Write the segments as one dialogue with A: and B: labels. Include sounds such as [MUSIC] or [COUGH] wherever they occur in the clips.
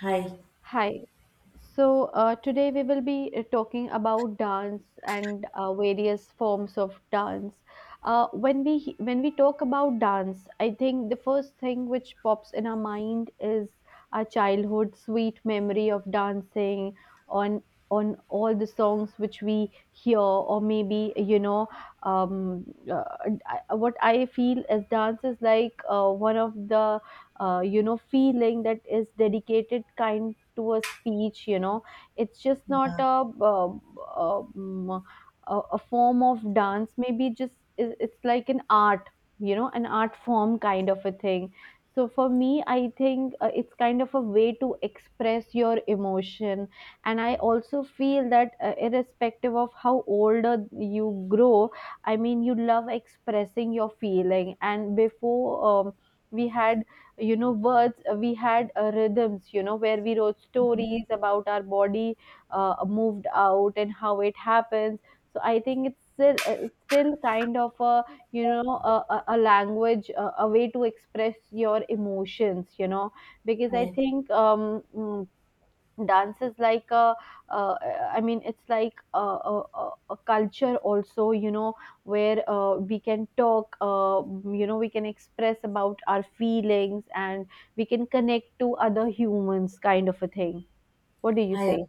A: Hi,
B: Hi. So, today we will be talking about dance and various forms of dance. When we talk about dance, I think the first thing which pops in our mind is our childhood sweet memory of dancing on on all the songs which we hear, or maybe um, uh, what I feel is dance is like one of the feeling that is dedicated kind to a speech. It's just not a um, a form of dance, maybe just it's like an art, an art form, kind of a thing. So for me, I think it's kind of a way to express your emotion, and I also feel that irrespective of how older you grow, I mean, you love expressing your feeling. And before, um, we had, words. We had rhythms, where we wrote stories about our body, moved out and how it happens. So I think it's still, it's still kind of a language, a way to express your emotions, because I
A: I,
B: think dance is like a, uh, I mean it's like a culture also, where we can talk, we can express about our feelings, and we can connect to other humans, kind of a thing. What do you
A: I,
B: say?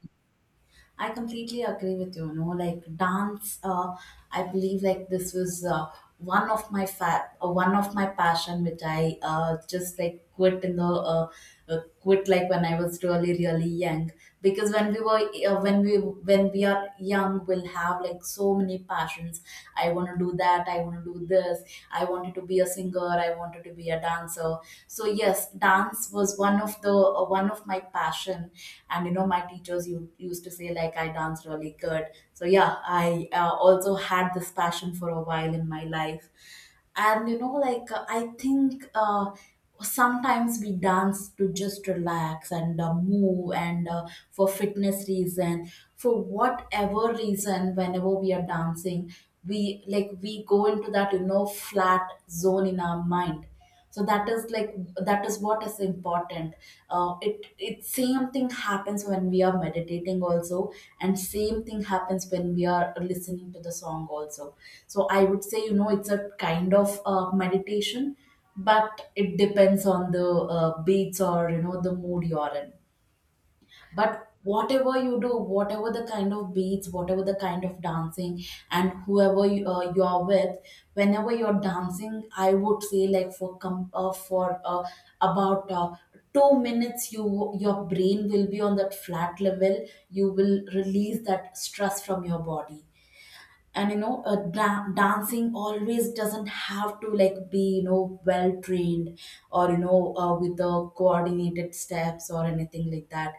A: I completely agree with you. You know, like dance, I believe like this was one of my one of my passion, which I just like quit in the quit like when I was really really young. Because when we were, when we are young, we'll have like so many passions. I want to do that. I want to do this. I wanted to be a singer. I wanted to be a dancer. So yes, dance was one of the one of my passion, and you know my teachers used to say like I dance really good. So yeah, I also had this passion for a while in my life. And you know like I think sometimes we dance to just relax and move and for fitness reason, for whatever reason, whenever we are dancing, we, like we go into that, you know, flat zone in our mind. So that is like, that is what is important. It same thing happens when we are meditating also, and same thing happens when we are listening to the song also. So I would say, you know, it's a kind of meditation, but it depends on the beats or you know the mood you're in. But whatever you do, whatever the kind of beats, whatever the kind of dancing, and whoever you are with, whenever you're dancing, I would say like for com- for about 2 minutes, you, your brain will be on that flat level, you will release that stress from your body. And you know, dancing always doesn't have to like be, you know, well trained or you know, with the coordinated steps or anything like that.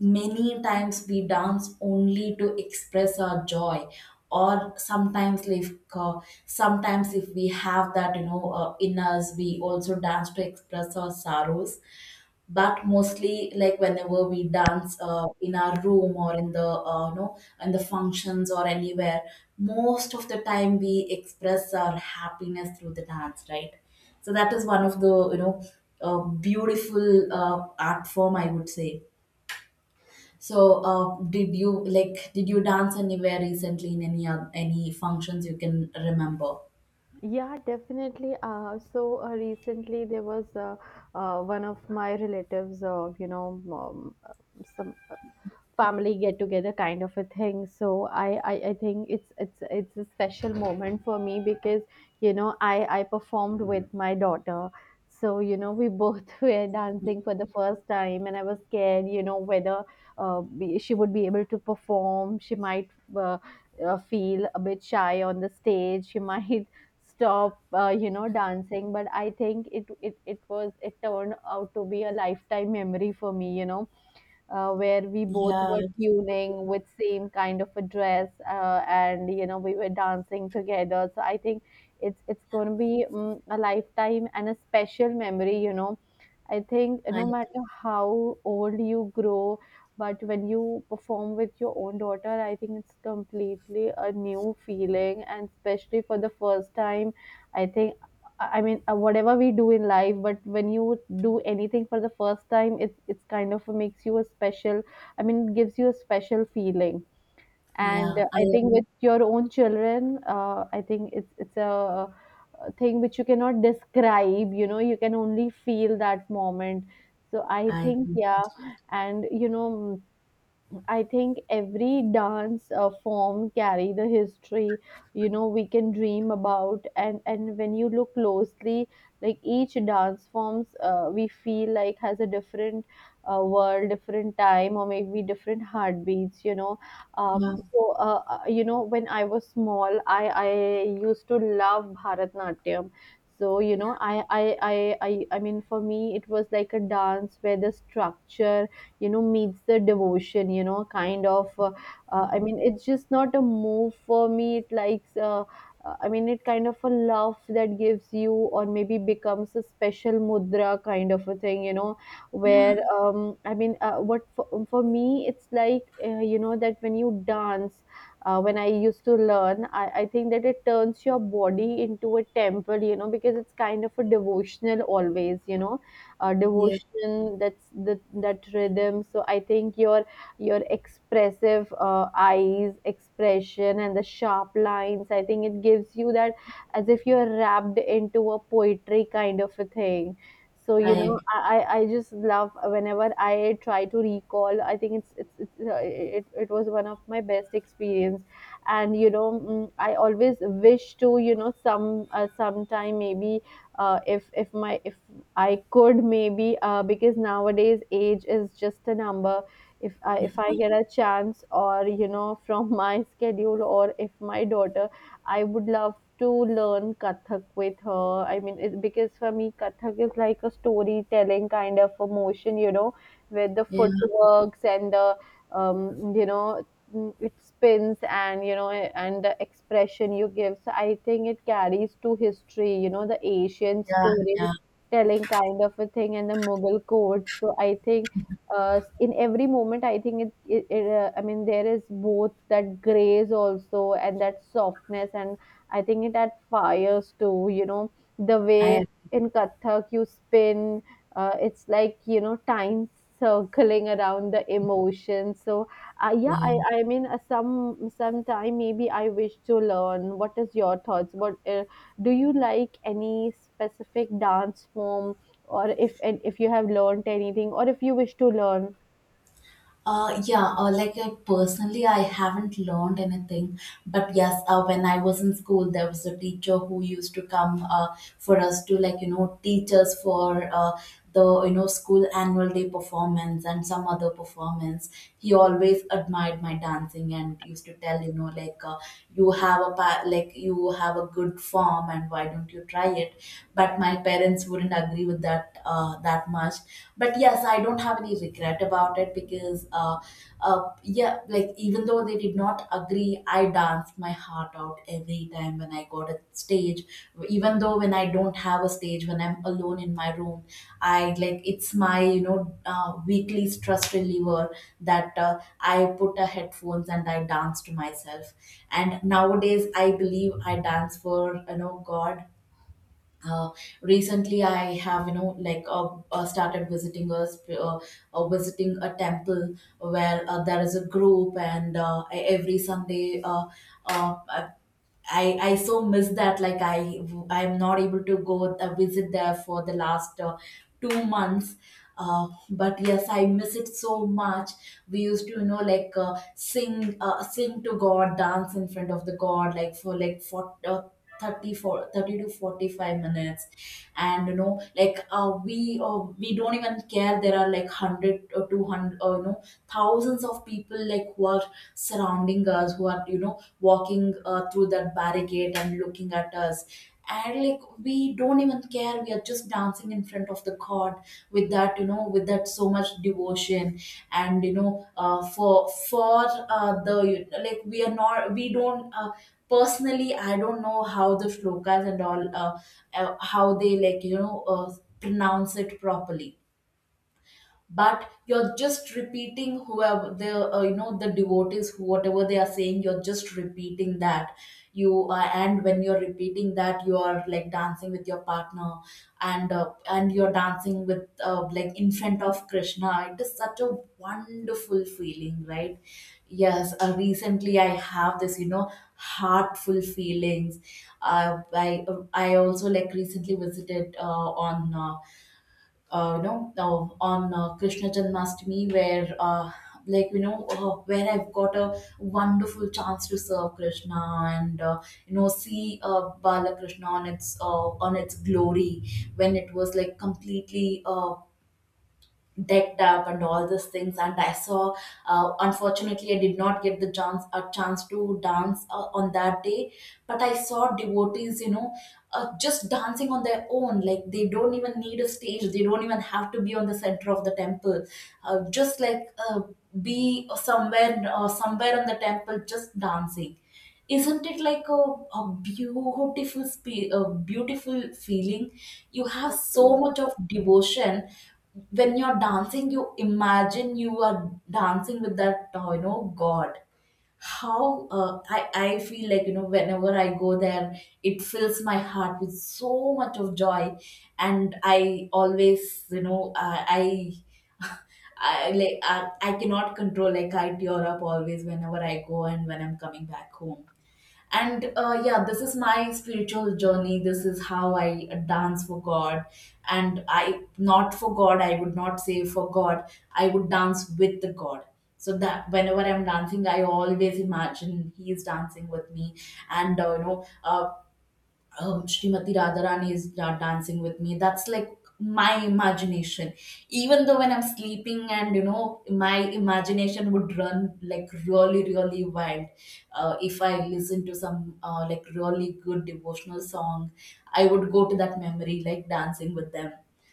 A: Many times we dance only to express our joy, or sometimes like uh, sometimes if we have that, you know, in us, we also dance to express our sorrows. But mostly like whenever we dance in our room or in the you know, in the functions or anywhere, most of the time we express our happiness through the dance, right? So that is one of the uh, beautiful art form, I would say. So did you, like did you dance anywhere recently in any any functions you can remember?
B: Yeah, definitely. So, recently there was, one of my relatives, um, some family get together, kind of a thing. So I think it's a special moment for me, because I performed with my daughter. So we both [LAUGHS] were dancing for the first time, and I was scared, whether she would be able to perform. She might, feel a bit shy on the stage, she might [LAUGHS] stop, dancing. But I think it turned out to be a lifetime memory for me, where we both
A: Yeah,
B: were tuning with same kind of a dress, and we were dancing together. So I think it's going to be, a lifetime and a special memory, I think.
A: i
B: No matter how old you grow, but when you perform with your own daughter, I think it's completely a new feeling, and especially for the first time, I think. I mean, whatever we do in life, but when you do anything for the first time, it's kind of makes you a special. I mean, it gives you a special feeling. And
A: yeah
B: I
A: i
B: think with your own children, I think it's a thing which you cannot describe. You know, you can only feel that moment. So I
A: I
B: think, yeah, and I think every dance form carry the history. We can dream about, and when you look closely, like each dance forms, we feel like has a different world, different time, or maybe different heartbeats.
A: yeah,
B: So, when I was small, I used to love Bharatnatyam. So you know
A: yeah,
B: I I I I I mean for me it was like a dance where the structure, meets the devotion, kind of, I mean, it's just not a move for me, it likes, I mean, it kind of a love that gives you, or maybe becomes a special mudra, kind of a thing, where
A: yeah,
B: I mean, for me it's like, that when you dance, when I used to learn, I think that it turns your body into a temple, because it's kind of a devotional always.
A: yeah,
B: Devotion, that's the that rhythm. So I think your expressive eyes expression and the sharp lines, I think it gives you that, as if you're wrapped into a poetry, kind of a thing. So you know
A: I,
B: i i I just love, whenever I try to recall, I think it was one of my best experience. And I always wish to, sometime maybe, if my if I could maybe, because nowadays age is just a number. If I get a chance, or [LAUGHS] from my schedule, or if my daughter, I would love to learn Kathak with her. I mean, because for me, Kathak is like a storytelling kind of a motion, you know, with the
A: yeah,
B: footworks and the, um, you know it spins, and and the expression you give. So I think it carries to history, the Asian
A: yeah,
B: story
A: yeah,
B: telling kind of a thing, and the Mughal courts. So I think in every moment, I think it, it, it I mean, there is both that grace also, and that softness, and I think it that fires too. You know, the
A: I
B: way
A: agree.
B: in Kathak you spin, it's like, time circling around the emotion. So, yeah,
A: Yeah.
B: I mean, sometime maybe I wish to learn. What is your thoughts about? Do you like any specific dance form, or if you have learned anything, or if you wish to learn?
A: Yeah, Or like I personally, I haven't learned anything. But yes, when I was in school, there was a teacher who used to come for us to like, you know, teach us for the, you know, school annual day performance and some other performance. He always admired my dancing and used to tell, you know, like you have a like you have a good form, and why don't you try it? But my parents wouldn't agree with that that much, but yes, I don't have any regret about it because yeah, like even though they did not agree, I danced my heart out every time when I got a stage. Even though when I don't have a stage, when I'm alone in my room, I, like, it's my, you know, weekly stress reliever, that I put a headphones and I dance to myself. And nowadays I believe I dance for, you know, God. uh, Recently I have, you know, like started visiting a visiting a temple where there is a group, and every Sunday, uh, I so miss that, like I, I'm not able to go visit there for the last 2 months. But yes, I miss it so much. We used to, you know, like sing to God, dance in front of the God, like for, like for 30, for 30 to 45 minutes. And you know like we don't even care, there are like 100 or 200, or no, thousands of people like who are surrounding us, who are, you know, walking through that barricade and looking at us. And like we don't even care, we are just dancing in front of the God with that, you know, with that so much devotion. And you know, for the, like, we are not, we don't, personally, I don't know how the shlokas and all, how they, like, you know, pronounce it properly. But you're just repeating whoever the, you know, the devotees, who, whatever they are saying, you're just repeating that. You And when you're repeating that, you are like dancing with your partner, and you're dancing with, like in front of Krishna, it is such a wonderful feeling, right? Yes, recently I have this, you know, heartful feelings. I also like recently visited on you know, on Krishna Janmashtami, where like you know, where I've got a wonderful chance to serve Krishna, and you know, see Balakrishna on its glory, when it was like completely decked up and all these things. And I saw, unfortunately, I did not get the chance, a chance to dance on that day. But I saw devotees, you know, just dancing on their own, like they don't even need a stage, they don't even have to be on the center of the temple, just like be somewhere, somewhere on the temple, just dancing. Isn't it like a beautiful a beautiful feeling? You have so
B: Absolutely.
A: much of devotion, when you're dancing you imagine you are dancing with that, you know, God. How I feel like, you know, whenever I go there, it fills my heart with so much of joy. And I always, you know, I [LAUGHS] I, like I cannot control, like I tear up always whenever I go and when I'm coming back home. And yeah, this is my spiritual journey, this is how I dance for God. And I, not for God, I would not say for God, I would dance with the God. So that whenever I'm dancing, I always imagine he is dancing with me. And Srimati Radharani is dancing with me. That's like my imagination. Even though when I'm sleeping, and you know, my imagination would run like really really wild. If I listen to some like really good devotional song, I would go to that memory like dancing with them.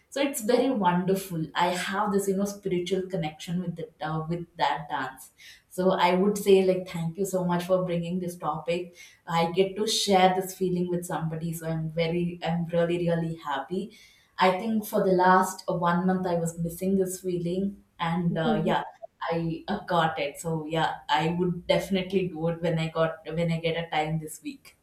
A: So it's very wonderful. I have this, you know, spiritual connection with the, with that dance. So I would say like thank you so much for bringing this topic. I get to share this feeling with somebody, so I'm very, I'm really really happy. I think for the last 1 month I was missing this feeling, and yeah,
B: [LAUGHS]
A: I got it. So yeah, I would definitely do it when I get a time this week.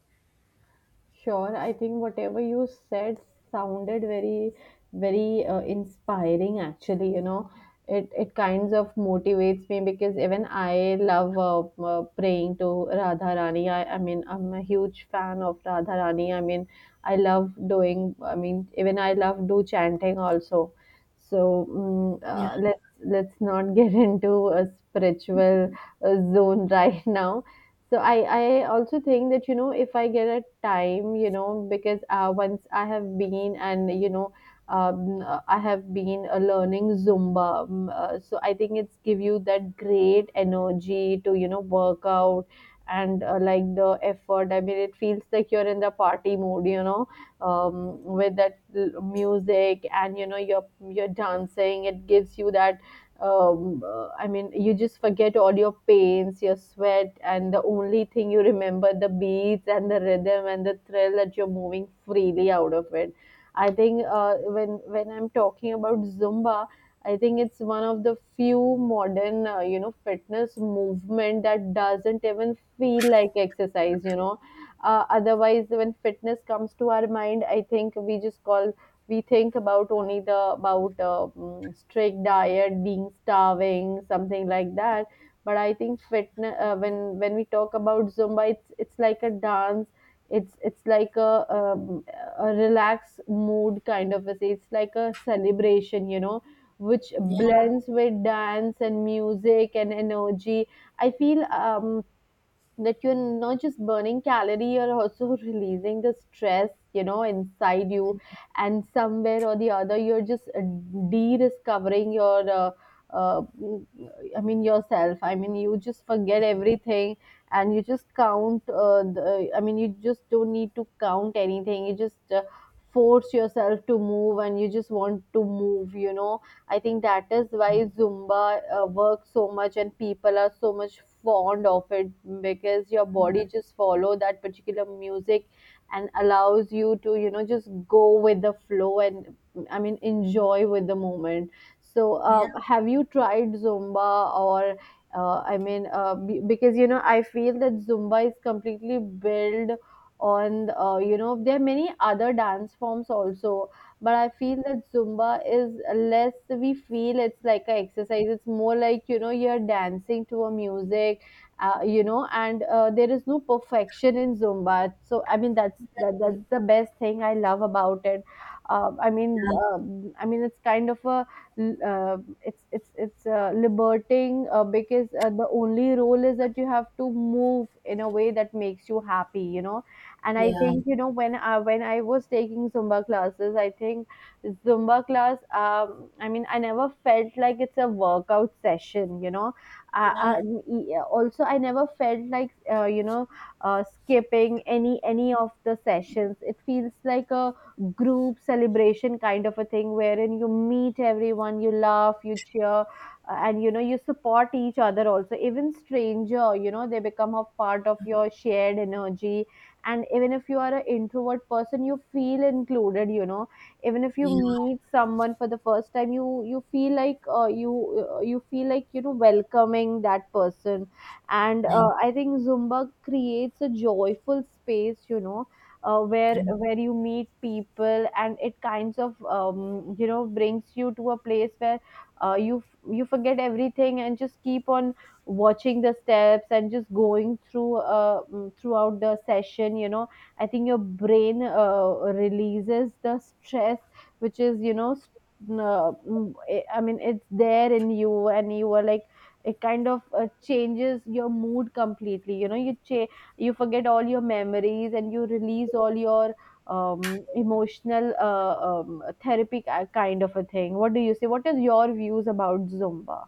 B: Sure, I think whatever you said sounded very, very inspiring, actually. It kinds of motivates me, because even I love, praying to Radha Rani. I mean, I'm a huge fan of Radha Rani. I mean, I love doing, I mean, even I love do chanting also. So
A: Yeah,
B: let's not get [LAUGHS] into a spiritual zone right now. So I also think that, if I get a time, because once, I have been and I have been learning Zumba. So I think it's give you that great energy to, you know, work out. And like the effort, I mean, it feels like you're in the party mood, um, with that music, and you're dancing, it gives you that, I mean, you just forget all your pains, your sweat, and the only thing you remember, the beats and the rhythm and the thrill, that you're moving freely out of it. I think when I'm talking about Zumba, I think it's one of the few modern fitness movement that doesn't even feel like exercise. You know, otherwise when fitness comes to our mind, I think we just call we think about only strict diet, being starving, something like that. But I think fitness, when we talk about Zumba, it's like a dance, it's like a relaxed mood, kind of a thing. It's like a celebration, which
A: yeah,
B: blends with dance and music and energy. I feel, that you're not just burning calorie, you're also [LAUGHS] releasing the stress, inside you. And somewhere or the other, you're just, de-discovering your, uh, mm, I mean, yourself. I mean, you just forget everything, and you just count, I mean, you just don't need to count anything, you just force yourself to move, and you just want to move, you know. I think that is why Zumba works so much, and people are so much fond of it, because your body just follow that particular music, and allows you to, just go with the flow, and I mean, enjoy with the moment. So
A: yeah,
B: have you tried Zumba or I mean because you know I feel that Zumba is completely built on, you know, there are many other dance forms also, but I feel that zumba is less, we feel it's like a exercise. It's more like, you know, you're dancing to a music, you know. And there is no perfection in zumba, so I mean that's the best thing I love about it. I mean it's kind of a it's liberating, because the only role is that you have to move in a way that makes you happy, you know. And I
A: yeah,
B: think, you know, when I was taking zumba classes, I think zumba class, um, I mean I never felt like it's a workout session, you know. uh, uh,
A: yeah,
B: Also I never felt like, you know, skipping any of the sessions. It feels like a group celebration kind of a thing, wherein you meet everyone, you laugh, you cheer, and, you know, you support each other also. Even stranger, you know, they become a part of your shared energy. And even if you are an introvert person, you feel included, you know. Even if you
A: yeah,
B: meet someone for the first time, you feel like, you, you feel like, you know, welcoming that person. And
A: I.
B: I think zumba creates a joyful space, you know, where you meet people, and it kinds of, you know, brings you to a place where, you forget everything and just keep on watching the steps and just going through, throughout the session, you know. I think your brain releases the stress, which is, you know, I mean it's there in you, and you are like, it kind of changes your mood completely, you know. You forget all your memories, and you release all your, emotional, therapy kind of a thing. What do you say? What is your views about zumba?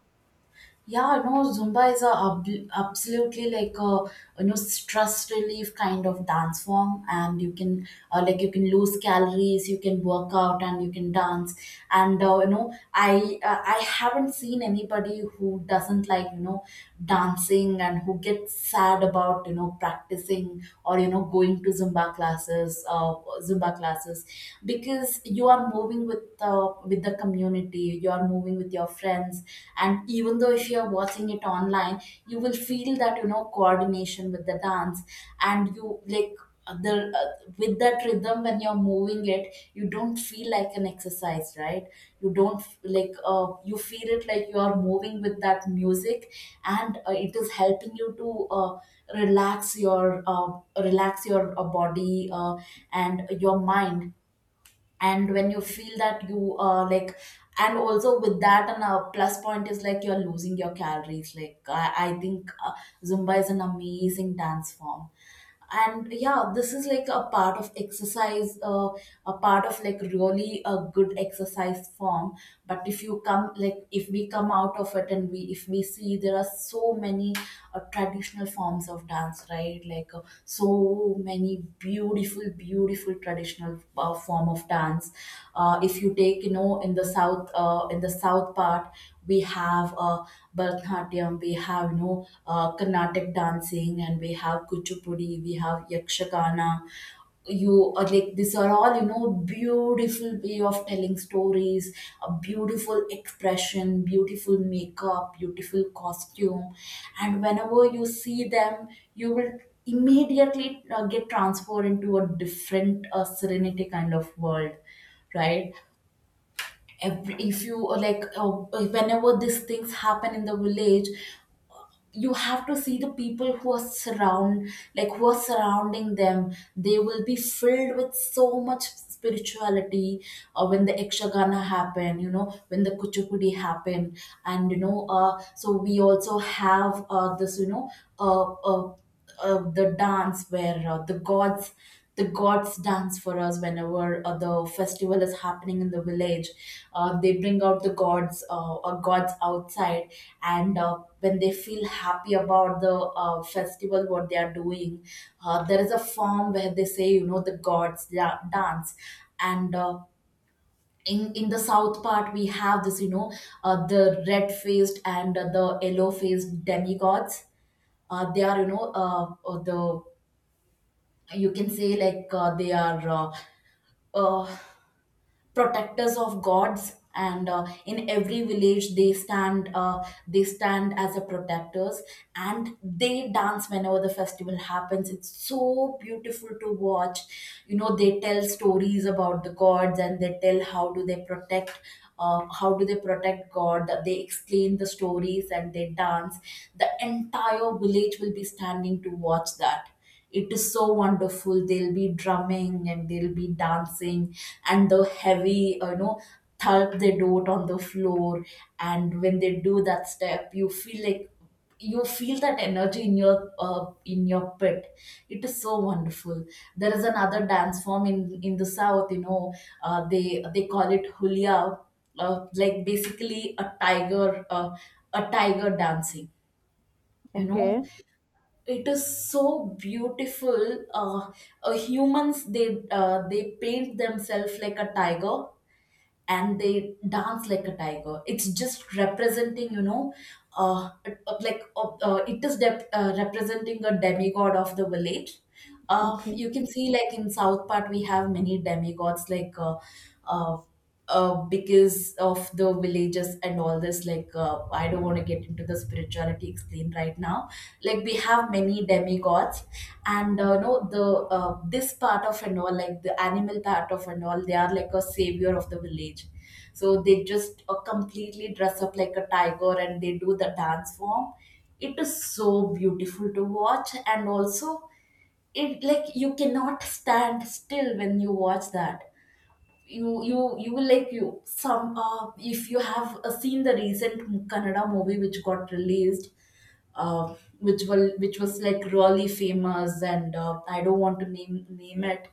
A: Yeah, no, Zumba is a absolutely like a, you know, stress relief kind of dance form, and you can like you can lose calories, you can work out, and you can dance. I haven't seen anybody who doesn't like dancing and who gets sad about practicing or going to Zumba classes because you are moving with the community, you are moving with your friends, and even though if you are watching it online, you will feel that coordination with the dance. And you like, the with that rhythm when you're moving it, you don't feel like an exercise, right? You don't f- like you feel it like you are moving with that music, and it is helping you to relax your uh, relax your body and your mind. And when you feel that you are like and also with that and a plus point is like you're losing your calories. I think Zumba is an amazing dance form, and yeah, this is like a part of exercise, a part of like really a good exercise form. But if you come like, if we come out of it and we, if we see, there are so many traditional forms of dance, right? Like so many beautiful, beautiful traditional form of dance. If you take, you know, in the south, in the south part, we have Bharatanatyam, we have, you know, Carnatic dancing, and we have Kuchipudi, we have Yakshagana. You are like, these are all, you know, beautiful way of telling stories, a beautiful expression, beautiful makeup, beautiful costume. And whenever you see them, you will immediately get transferred into a different serenity kind of world, right? Every, if you whenever these things happen in the village, you have to see the people who are surround like who are surrounding them. They will be filled with so much spirituality when the Ekshagana happen, you know, when the Kuchipudi happen, and you know, so we also have this, you know, uh, uh, the dance where the gods, the gods dance for us whenever the festival is happening in the village. They bring out the gods, or gods outside, and when they feel happy about the festival what they are doing, there is a form where they say, you know, the dance. And in the south part we have this, you know, the red faced and the yellow faced demigods. They are, you know, the, you can say, like they are uh, protectors of gods, and in every village they stand, they stand as a protectors, and they dance whenever the festival happens. It's so beautiful to watch. You know, they tell stories about the gods and they tell how do they protect, how do they protect god, they explain the stories and they dance. The entire village will be standing to watch that. It is so wonderful. They'll be drumming and they'll be dancing, and the heavy, thump they do it on the floor. And when they do that step, you feel like, you feel that energy in your pit. It is so wonderful. There is another dance form in the south. You know, they call it Hulia, like basically a tiger dancing. You
B: Okay.
A: know, it is so beautiful. Humans, they paint themselves like a tiger and they dance like a tiger. It's just representing, you know, uh, like it is dep representing a demigod of the village.
B: Okay.
A: You can see, like, in south part we have many demigods, like uh, because of the villages and all this, like, I don't want to get into the spirituality explain right now. Like we have many demigods, and no, the this part of and all, like the animal part of and all, they are like a savior of the village. So they just completely dress up like a tiger and they do the dance form. It is so beautiful to watch, and also it, like, you cannot stand still when you watch that. You, you will like, you some, if you have seen the recent Kannada movie which got released, uh, which was like really famous, and I don't want to name it,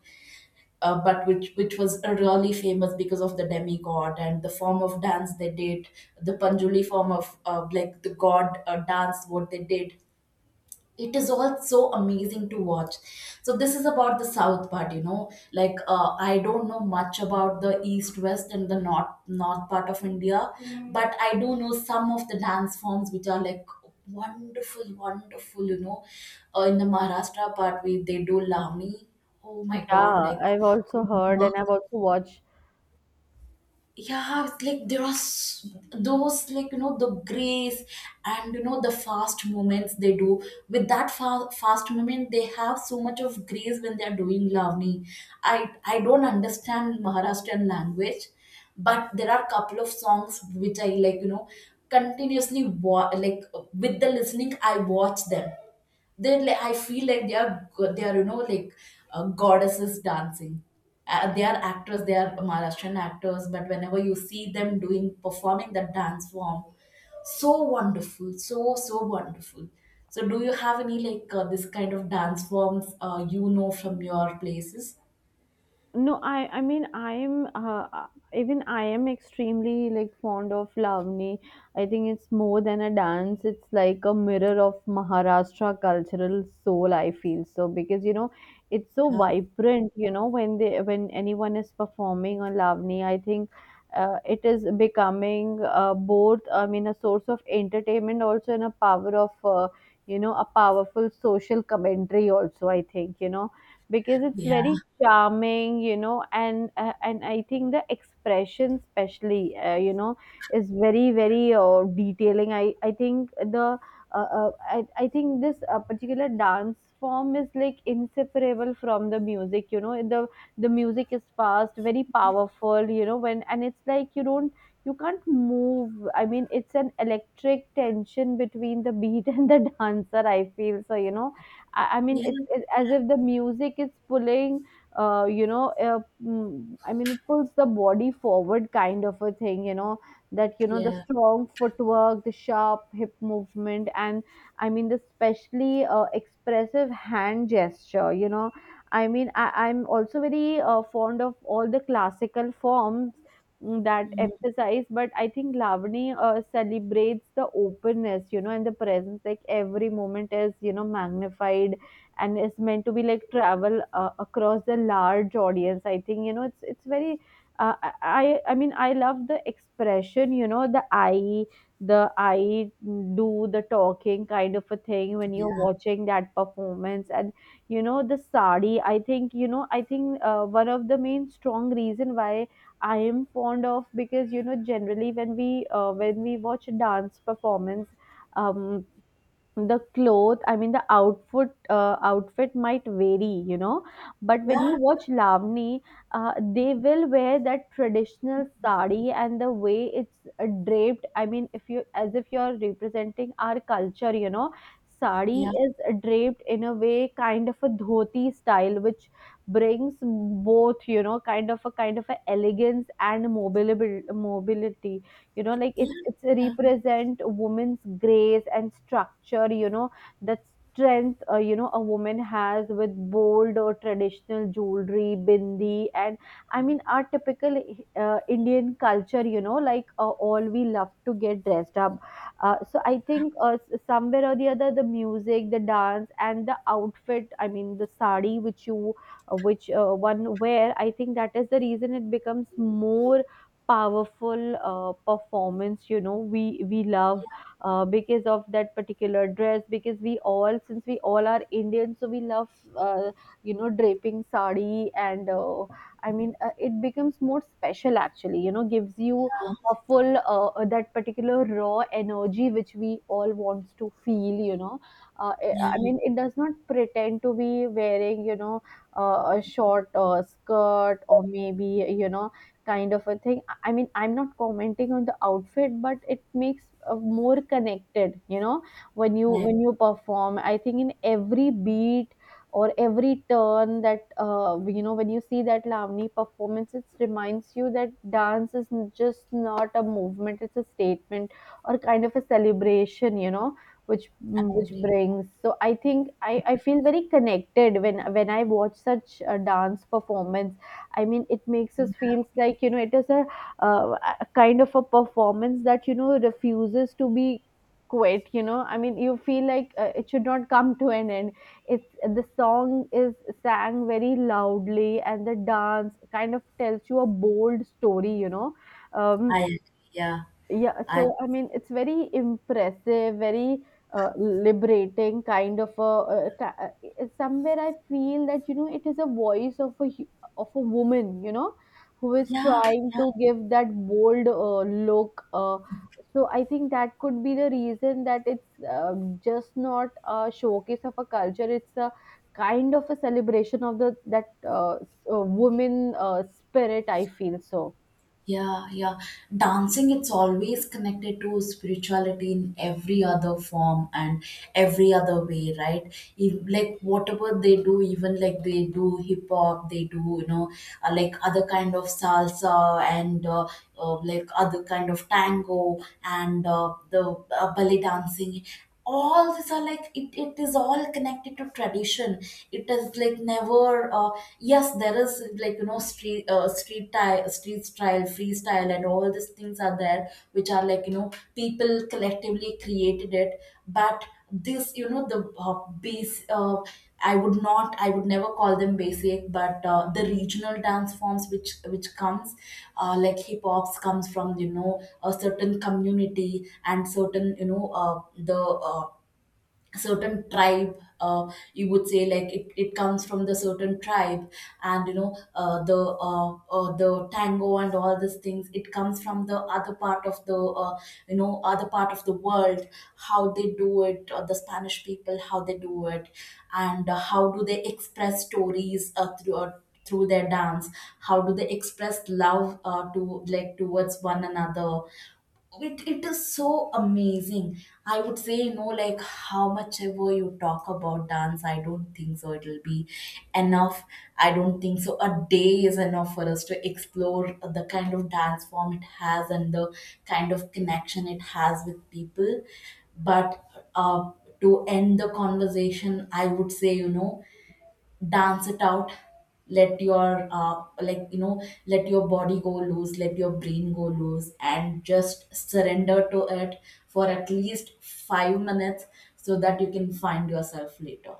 A: but which was really famous because of the demigod and the form of dance they did. The Panjuli form of, like the god, dance what they did, it is all so amazing to watch. So this is about the south part, you know. Like, I don't know much about the east, west, and the north part of India. Mm. But I do know some of the dance forms which are like wonderful, wonderful, you know. In the Maharashtra part we, they do Lami. Oh my god,
B: Yeah,
A: like,
B: I've also heard and I've also watched.
A: yeah, it's like there are those like, you know, the grace and, you know, the fast movements they do. With that fast movement, they have so much of grace when they are doing Lavani. I don't understand Maharashtrian language, but there are couple of songs which I like, you know, continuously like, with the listening I watch them. Then, like, I feel like they they are, you know, like goddesses dancing. They are actors, they are Maharashtrian actors, but whenever you see them doing performing that dance form, so wonderful, so, so wonderful. So do you have any like this kind of dance forms you know from your places?
B: No, i mean I'm even I am extremely like fond of lavani. I think it's more than a dance. It's like a mirror of maharashtra cultural soul, I feel so, because, you know, it's so
A: Yeah,
B: vibrant, you know, when they, when anyone is performing on lavani, I think it is becoming both, I mean, a source of entertainment also and a power of, you know, a powerful social commentary also, I think, you know, because it's
A: yeah,
B: very charming, you know. And and I think the expression, especially, you know, is very very detailing, i think the I think this particular dance form is like inseparable from the music, you know. The music is fast, very powerful, you know, when, and it's like you don't, you can't move. I mean it's an electric tension between the beat and the [LAUGHS] dancer, I feel so, you know. I mean,
A: yeah,
B: it's as if the music is pulling, you know, I mean, it pulls the body forward, kind of a thing, you know, that, you know, the
A: yeah,
B: strong footwork, the sharp hip movement, and, I mean, the specially expressive hand gesture, you know. I mean, I'm also very fond of all the classical forms, that
A: mhm,
B: emphasize, but I think lavani celebrates the openness, you know, and the presence, like every moment is, you know, magnified and is meant to be like travel across the large audience, I think, you know. It's very I mean I love the expression, you know, the i, the I do the talking kind of a thing, when
A: yeah,
B: you're watching that performance. And you know the sari, I think, you know, I think one of the main strong reason why I am fond of, because, you know, generally when we watch dance performance, um, the cloth, I mean the outfit, outfit might vary, you know, but when you
A: yeah,
B: watch lavani, they will wear that traditional sari, and the way it's draped, I mean, if you, as if you're representing our culture, you know. Sari
A: yeah,
B: is draped in a way kind of a dhoti style, which brings both, you know, kind of a, kind of a elegance and mobility, you know. Like it's represent a woman's grace and structure, you know, that strength, you know, a woman has, with bold or traditional jewelry, bindi, and I mean our typical indian culture, you know, like all we love to get dressed up. So I think, somewhere or the other, the music, the dance, and the outfit, I mean the sari, which you which one wear, I think that is the reason it becomes more powerful performance, you know. We love, because of that particular dress, because we all, since we all are indian, so we love, uh, you know, draping sari. And I mean it becomes more special actually, you know. Gives you a full, that particular raw energy which we all wants to feel, you know. uh, i
A: yeah,
B: I
A: yeah,
B: mean it does not pretend to be wearing, you know, a short skirt, or maybe, you know, kind of a thing. I mean, I'm not commenting on the outfit, but it makes more connected, you know, when you,
A: yeah.
B: when you perform. I think in every beat or every turn that, you know, when you see that Lavani performance, it reminds you that dance is just not a movement; it's a statement or kind of a celebration, you know, which,
A: I
B: which
A: agree.
B: brings. So I think I feel very connected when I watch such a dance performance. I mean, it makes us feels like, you know, it is a, kind of a performance that, you know, refuses to be quit, you know. I mean, you feel like, it should not come to an end. It's, the song is sang very loudly, and the dance kind of tells you a bold story, you know. um,
A: I agree. Yeah,
B: yeah,
A: I,
B: so I mean, it's very impressive, very liberating kind of a. It's somewhere I feel that, you know, it is a voice of a of a woman, you know, who is
A: yeah,
B: trying
A: yeah.
B: to give that bold look. So I think that could be the reason that it's just not a showcase of a culture. It's a kind of a celebration of the, that woman spirit. I feel so.
A: Yeah, yeah. Dancing, it's always connected to spirituality in every other form and every other way, right? If, like whatever they do, even like they do hip hop, they do, you know, like other kind of salsa, and like other kind of tango, and the ballet dancing, all these are like, it is all connected to tradition. It is like never yes, there is, like, you know, street, street style freestyle, and all these things are there, which are like, you know, people collectively created it. But this, you know, the base I would not, I would never call them basic, but the regional dance forms which comes, like hip hops comes from, you know, a certain community and certain, you know, the certain tribe, you would say, like it comes from the certain tribe. And you know, the tango and all these things, it comes from the other part of the, you know, other part of the world. How they do it, the Spanish people, how they do it, and how do they express stories, through their dance. How do they express love, to, like, towards one another. It is so amazing. I would say, you know, like, how much ever you talk about dance, I don't think so it'll be enough. I don't think so a day is enough for us to explore the kind of dance form it has and the kind of connection it has with people. But uh, to end the conversation, I would say, you know, dance it out. Let your like, you know, let your body go loose, let your brain go loose, and just surrender to it for at least 5 minutes so that you can find yourself later.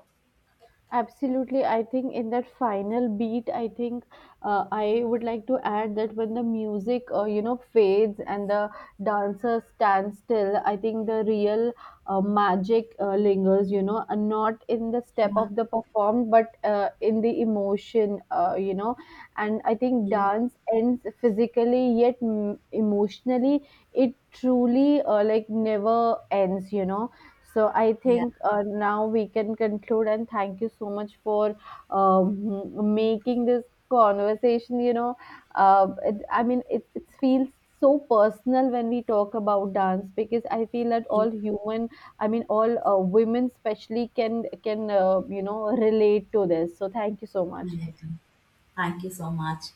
B: Absolutely. I think in that final beat, I think I would like to add that when the music, you know, fades and the dancer stands still, I think the real magic lingers, you know, and not in the step
A: Yeah,
B: of the performed, but in the emotion, you know. And I think
A: yeah,
B: dance ends physically, yet emotionally, it truly like never ends, you know. So I
A: yeah,
B: think, now we can conclude, and thank you so much for, making this conversation. You know, it, I mean, it feels so personal when we talk about dance, because I feel that
A: I
B: all human, I mean, all women especially can you know relate to this. So thank you so much.
A: agree. Thank you so much.